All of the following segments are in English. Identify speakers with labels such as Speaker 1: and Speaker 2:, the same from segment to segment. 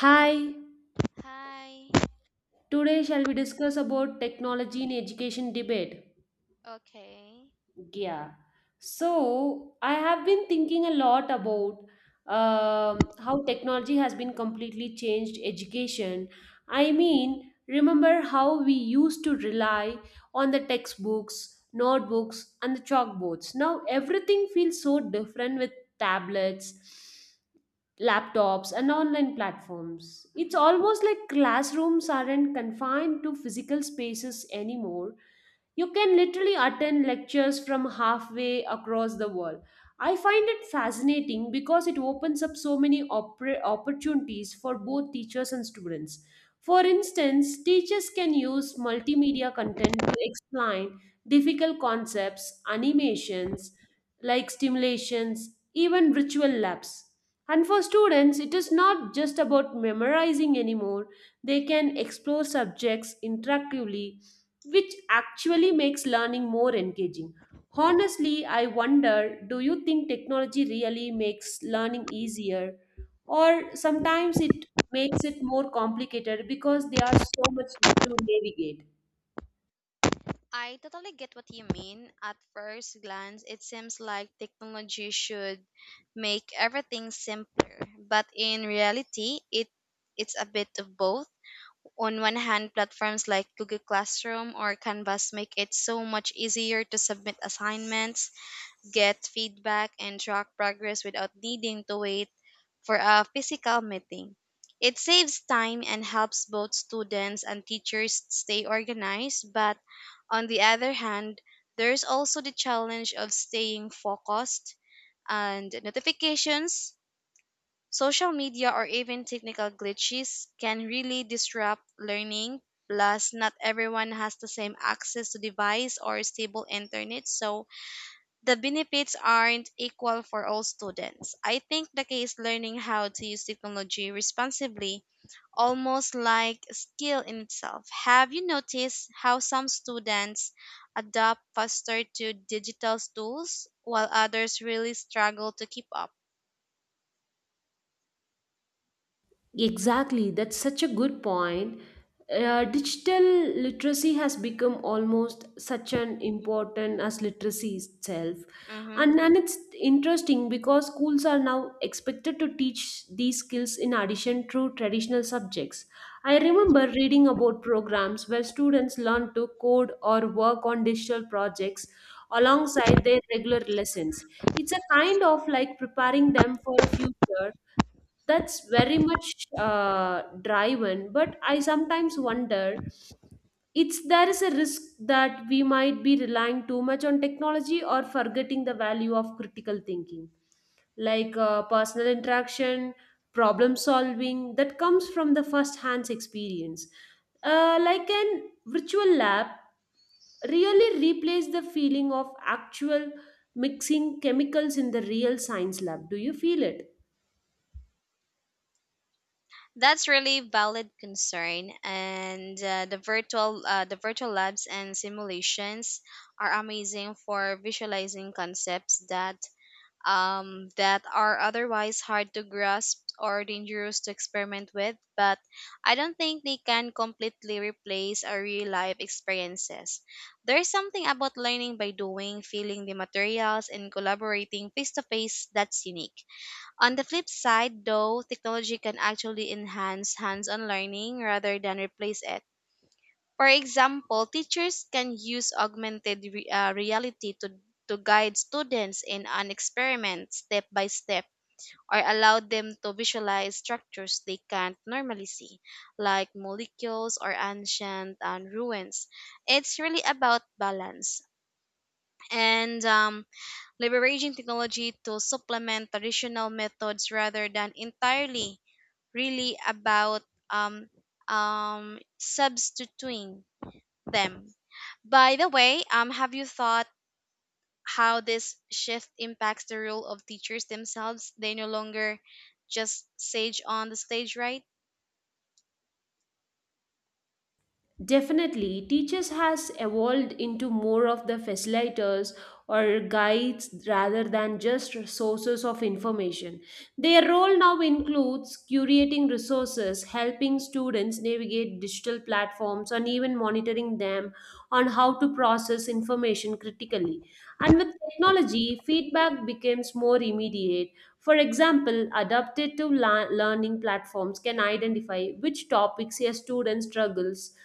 Speaker 1: Hi,
Speaker 2: Hi.
Speaker 1: today shall we discuss about technology in education debate?
Speaker 2: Okay.
Speaker 1: Yeah. So, I have been thinking a lot about how technology has been completely changed education. I
Speaker 2: Mm-hmm.
Speaker 1: mean, remember how we used to rely on the textbooks, notebooks, and the chalkboards. Now everything feels so different with tablets laptops and online platforms. It's
Speaker 2: Mm-hmm.
Speaker 1: almost like classrooms aren't confined to physical spaces anymore. You can literally attend lectures from halfway across the world. I find it fascinating because it opens up so many opportunities for both teachers and students. For instance, teachers can use multimedia content to explain difficult concepts, animations like stimulations, even virtual labs. And for students, it is not just about memorizing anymore, they can explore subjects interactively which actually makes learning more engaging. Honestly, I wonder, do you think technology really makes learning easier, or sometimes it makes it more complicated because there are so much to navigate?
Speaker 2: I totally get what you mean. At first glance, it seems like technology should make everything simpler, but in reality, it's a bit of both. On one hand, platforms like Google Classroom or Canvas make it so much easier to submit assignments, get feedback, and track progress without needing to wait for a physical meeting. It saves time and helps both students and teachers stay organized, but on the other hand, there's also the challenge of staying focused and notifications, social media, or even technical glitches can really disrupt learning. Plus, not everyone has the same access to device or stable internet, so the benefits aren't equal for all students. I think the key is learning how to use technology responsibly, almost like a skill in itself. Have you noticed how some students adapt faster to digital tools while others really struggle to keep up?
Speaker 1: Exactly, that's such a good point. Digital literacy has become almost such an important as literacy itself.
Speaker 2: Mm-hmm.
Speaker 1: And it's interesting because schools are now expected to teach these skills in addition to traditional subjects. I remember reading about programs where students learn to code or work on digital projects alongside their regular lessons. It's a kind of like preparing them for a future that's very much driven, but I sometimes wonder it's there is a risk that we might be relying too much on technology or forgetting the value of critical thinking like personal interaction, problem solving that comes from the first hands experience, like an virtual lab really replace the feeling of actual mixing chemicals in the real science lab. Do you feel it?
Speaker 2: That's really valid concern, and the virtual labs and simulations are amazing for visualizing concepts that that are otherwise hard to grasp or dangerous to experiment with, but I don't think they can completely replace our real life experiences. There's something about learning by doing, feeling the materials, and collaborating face to face that's unique. On the flip side, though, technology can actually enhance hands on learning rather than replace it. For example, teachers can use augmented reality to guide students in an experiment step by step or allow them to visualize structures they can't normally see, like molecules or ancient ruins. It's really about balance and leveraging technology to supplement traditional methods rather than entirely really about um, substituting them. By the way, have you thought how this shift impacts the role of teachers themselves? They no longer just sage on the stage, right?
Speaker 1: Definitely, teachers has evolved into more of the facilitators or guides rather than just sources of information. Their role now includes curating resources, helping students navigate digital platforms, and even monitoring them on how to process information critically. And with technology, feedback becomes more immediate. For example, adaptive learning platforms can identify which topics a student struggles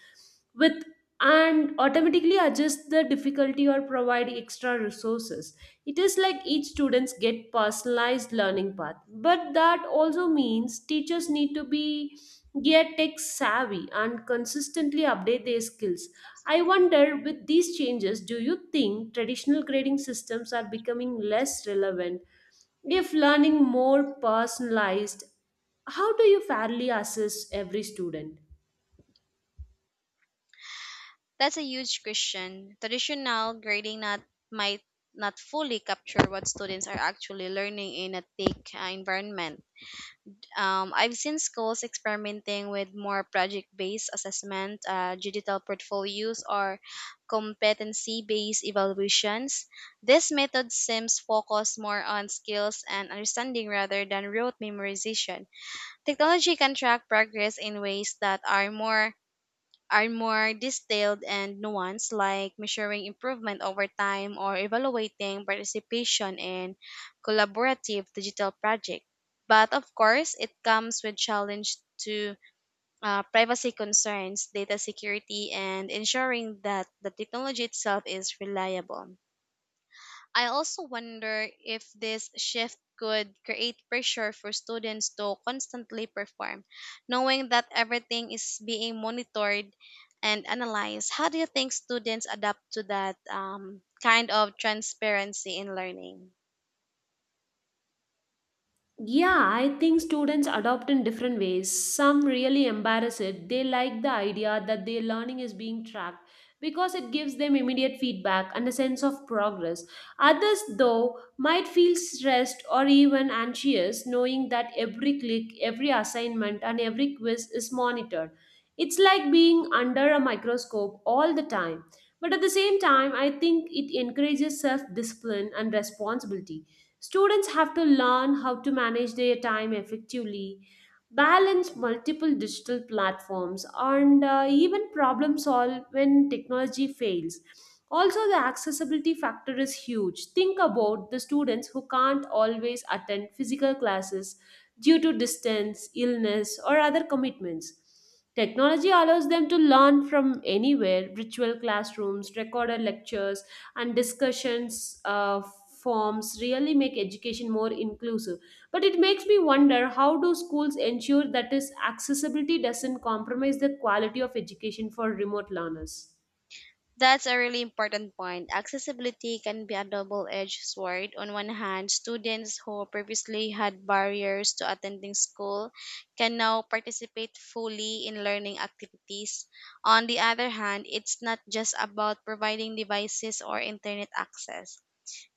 Speaker 1: with and automatically adjust the difficulty or provide extra resources. It is like each students get personalized learning path, but that also means teachers need to be get tech savvy and consistently update their skills. I wonder, with these changes, do you think traditional grading systems are becoming less relevant? If learning more personalized, how do you fairly assess every student?
Speaker 2: That's a huge question. Traditional grading not might not fully capture what students are actually learning in a thick environment. I've seen schools experimenting with more project based assessment, digital portfolios, or competency based evaluations. This method seems focused more on skills and understanding rather than rote memorization. Technology can track progress in ways that are more detailed and nuanced, like measuring improvement over time or evaluating participation in collaborative digital projects. But of course, it comes with challenge to privacy concerns, data security, and ensuring that the technology itself is reliable. I also wonder if this shift could create pressure for students to constantly perform, knowing that everything is being monitored and analyzed. How do you think students adapt to that kind of transparency in learning?
Speaker 1: Yeah, I think students adopt in different ways. Some really embarrass it. They like the idea that their learning is being tracked because it gives them immediate feedback and a sense of progress. Others, though, might feel stressed or even anxious knowing that every click, every assignment, and every quiz is monitored. It's like being under a microscope all the time. But at the same time, I think it encourages self discipline and responsibility. Students have to learn how to manage their time effectively, balance multiple digital platforms, and even problem solve when technology fails. Also, the accessibility factor is huge. Think about the students who can't always attend physical classes due to distance, illness, or other commitments. Technology allows them to learn from anywhere, virtual classrooms, recorded lectures, and discussions, forms really make education more inclusive, but it makes me wonder, how do schools ensure that this accessibility doesn't compromise the quality of education for remote learners?
Speaker 2: That's a really important point. Accessibility can be a double edged sword. On one hand, students who previously had barriers to attending school can now participate fully in learning activities. On the other hand, it's not just about providing devices or internet access.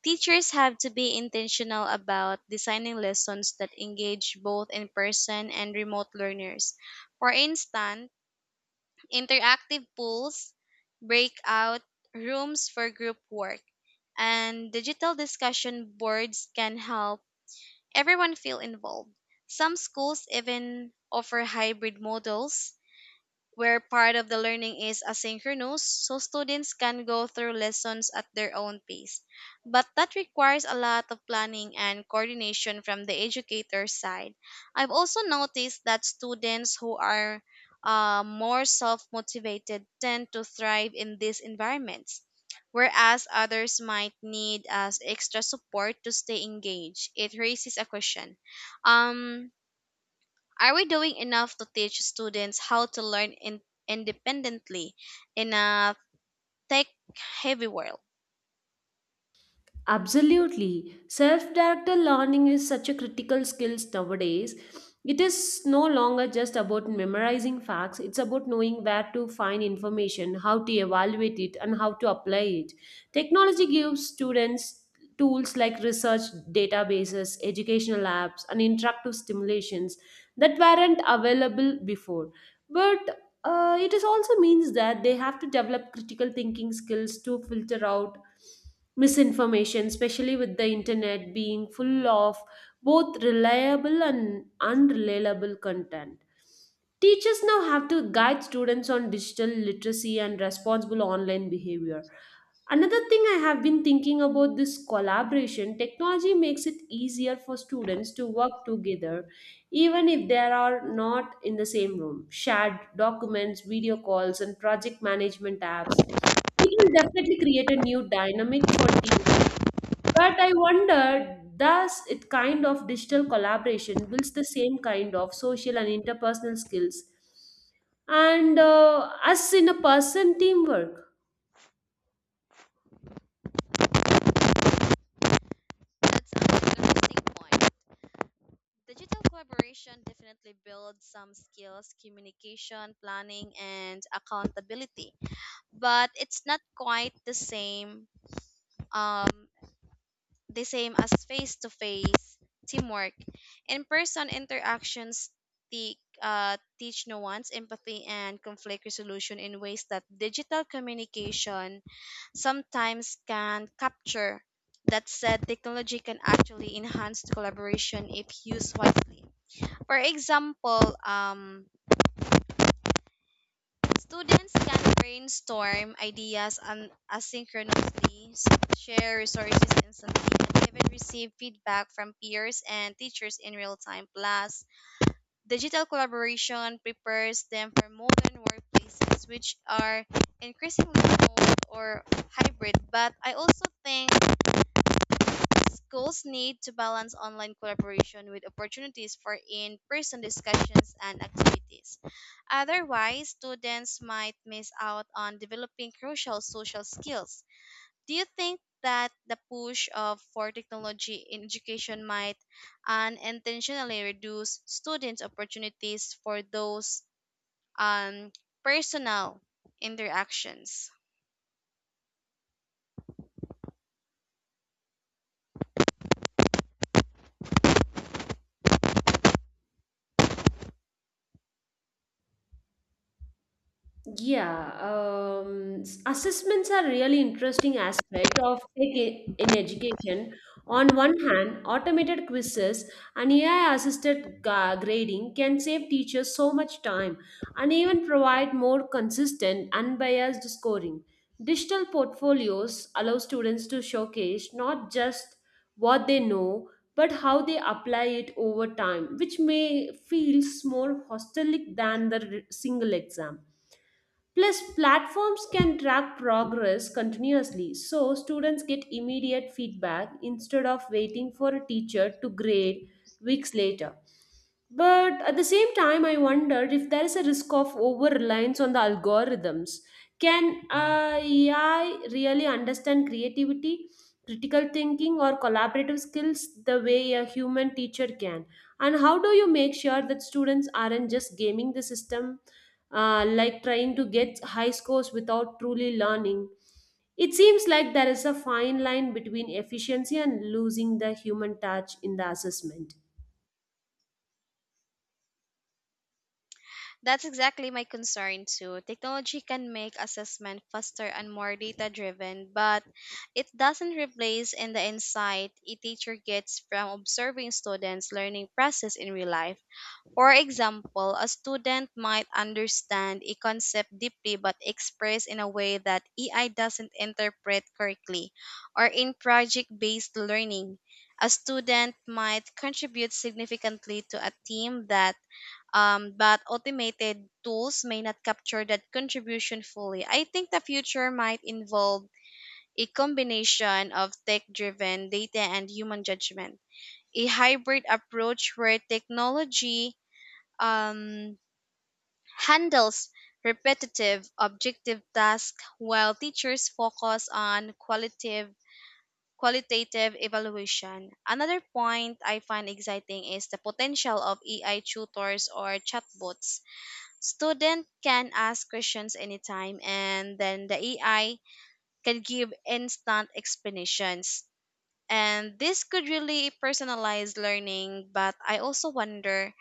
Speaker 2: Teachers have to be intentional about designing lessons that engage both in person and remote learners. For instance, interactive pools, breakout rooms for group work, and digital discussion boards can help everyone feel involved. Some schools even offer hybrid models where part of the learning is asynchronous, so students can go through lessons at their own pace. But that requires a lot of planning and coordination from the educator's side. I've also noticed that students who are more self motivated tend to thrive in these environments, whereas others might need as extra support to stay engaged. It raises a question. Um, are we doing enough to teach students how to learn independently in a tech heavy world?
Speaker 1: Absolutely. Self directed learning is such a critical skill nowadays. It is no longer just about memorizing facts, it's about knowing where to find information, how to evaluate it, and how to apply it. Technology gives students tools like research databases, educational apps, and interactive stimulations that weren't available before. But it is also means that they have to develop critical thinking skills to filter out misinformation, especially with the internet being full of both reliable and unreliable content. Teachers now have to guide students on digital literacy and responsible online behavior. Another thing I have been thinking about, this collaboration technology makes it easier for students to work together even if they are not in the same room. Shared documents, video calls, and project management apps. It will definitely create a new dynamic for teamwork. But I wonder, does it kind of digital collaboration builds the same kind of social and interpersonal skills and us in a person teamwork?
Speaker 2: That's an interesting point. Digital collaboration definitely builds some skills, communication, planning, and accountability, but it's not quite the same. Um, the same as face to face teamwork. In person interactions teach nuance, empathy, and conflict resolution in ways that digital communication sometimes can capture. That said, technology can actually enhance collaboration if used wisely. For example, um, students can brainstorm ideas asynchronously, share resources instantly, and even receive feedback from peers and teachers in real time. Plus, digital collaboration prepares them for modern workplaces, which are increasingly remote or hybrid. But I also think schools need to balance online collaboration with opportunities for in person discussions and activities. Otherwise, students might miss out on developing crucial social skills. Do you think that the push of for technology in education might unintentionally reduce students' opportunities for those um, personal interactions?
Speaker 1: Yeah, assessments are really interesting aspect of tech in education. On one hand, automated quizzes and AI-assisted grading can save teachers so much time and even provide more consistent, unbiased scoring. Digital portfolios allow students to showcase not just what they know, but how they apply it over time, which may feels more holistic than the single exam. Plus, platforms can track progress continuously so students get immediate feedback instead of waiting for a teacher to grade weeks later. But at the same time, I wondered if there is a risk of over reliance on the algorithms. Can AI really understand creativity, critical thinking, or collaborative skills the way a human teacher can? And how do you make sure that students aren't just gaming the system, like trying to get high scores without truly learning. It seems like there is a fine line between efficiency and losing the human touch in the assessment.
Speaker 2: That's exactly my concern too. Technology can make assessment faster and more data driven, but it doesn't replace in the insight a teacher gets from observing students' learning process in real life. For example, a student might understand a concept deeply but express in a way that AI doesn't interpret correctly. Or in project based learning, a student might contribute significantly to a team that but automated tools may not capture that contribution fully. I think the future might involve a combination of tech driven data and human judgment, a hybrid approach where technology um, handles repetitive objective tasks while teachers focus on qualitative evaluation. Another point I find exciting is the potential of AI tutors or chatbots. Students can ask questions anytime and then the AI can give instant explanations. And this could really personalize learning, but I also wonder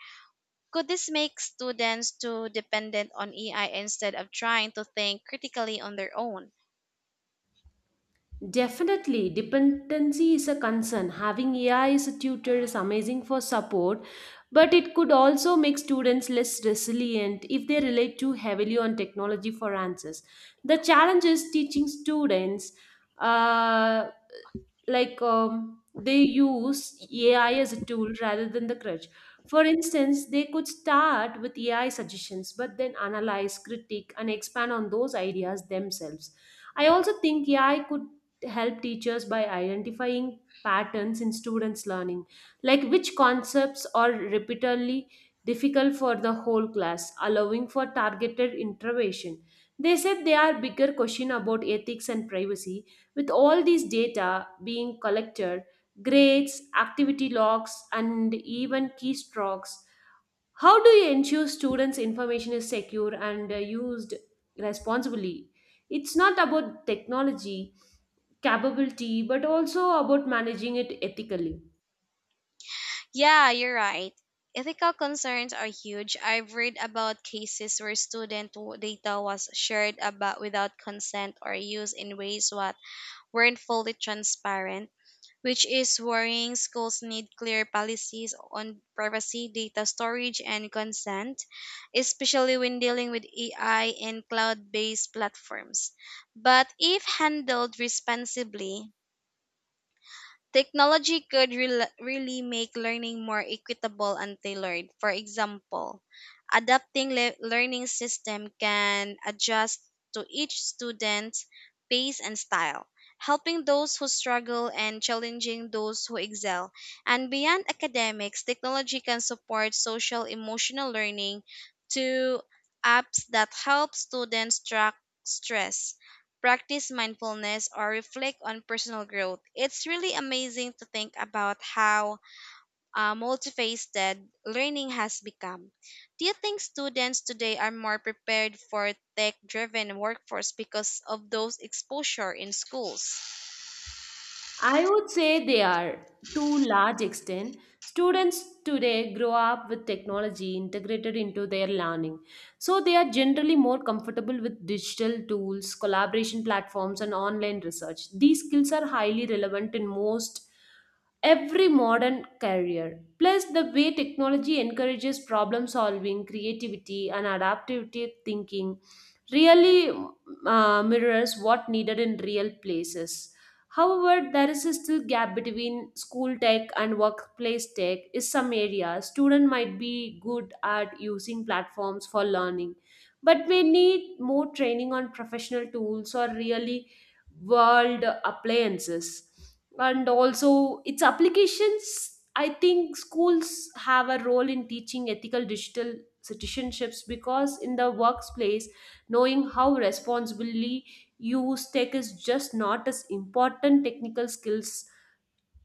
Speaker 2: could this make students too dependent on AI instead of trying to think critically on their own?
Speaker 1: Definitely, dependency is a concern. Having AI as a tutor is amazing for support, but it could also make students less resilient if they rely too heavily on technology for answers. The challenge is teaching students uh, they use AI as a tool rather than the crutch. For instance, they could start with AI suggestions, but then analyze, critique, and expand on those ideas themselves. I also think AI could help teachers by identifying patterns in students' learning, like which concepts are repeatedly difficult for the whole class, allowing for targeted intervention. They said there are bigger questions about ethics and privacy, with all these data being collected, grades, activity logs, and even keystrokes, how do you ensure students' information is secure and used responsibly? It's not about technology capability, but also about managing it ethically.
Speaker 2: Yeah, you're right. Ethical concerns are huge. I've read about cases where data was shared about without consent or used in ways what weren't fully transparent, which is worrying. Schools need clear policies on privacy, data storage, and consent, especially when dealing with AI and cloud based platforms. But if handled responsibly, technology could really make learning more equitable and tailored. For example, adapting learning system can adjust to each student's pace and style, helping those who struggle and challenging those who excel. And beyond academics, technology can support social emotional learning to apps that help students track stress practice mindfulness or reflect on personal growth. It's really amazing to think about how multifaceted learning has become. Do you think students today are more prepared for tech driven workforce because of those exposure in schools?
Speaker 1: I would say they are to large extent. Students today grow up with technology integrated into their learning. So they are generally more comfortable with digital tools, collaboration platforms and online research. These skills are highly relevant in most every modern career. Plus the way technology encourages problem solving, creativity and adaptive thinking really mirrors what needed in real places. However, there is still gap between school tech and workplace tech. In some areas, students might be good at using platforms for learning, but may need more training on professional tools or really world appliances. And also, its applications. I think schools have a role in teaching ethical digital citizenships because in the workplace, knowing how responsibly use tech is just not as important technical skills,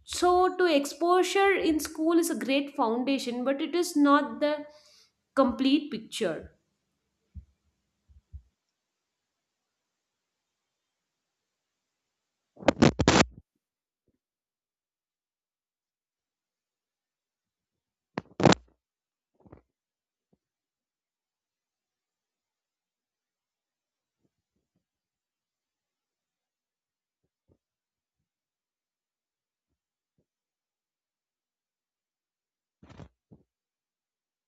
Speaker 1: so to exposure in school is a great foundation, but it is not the complete picture.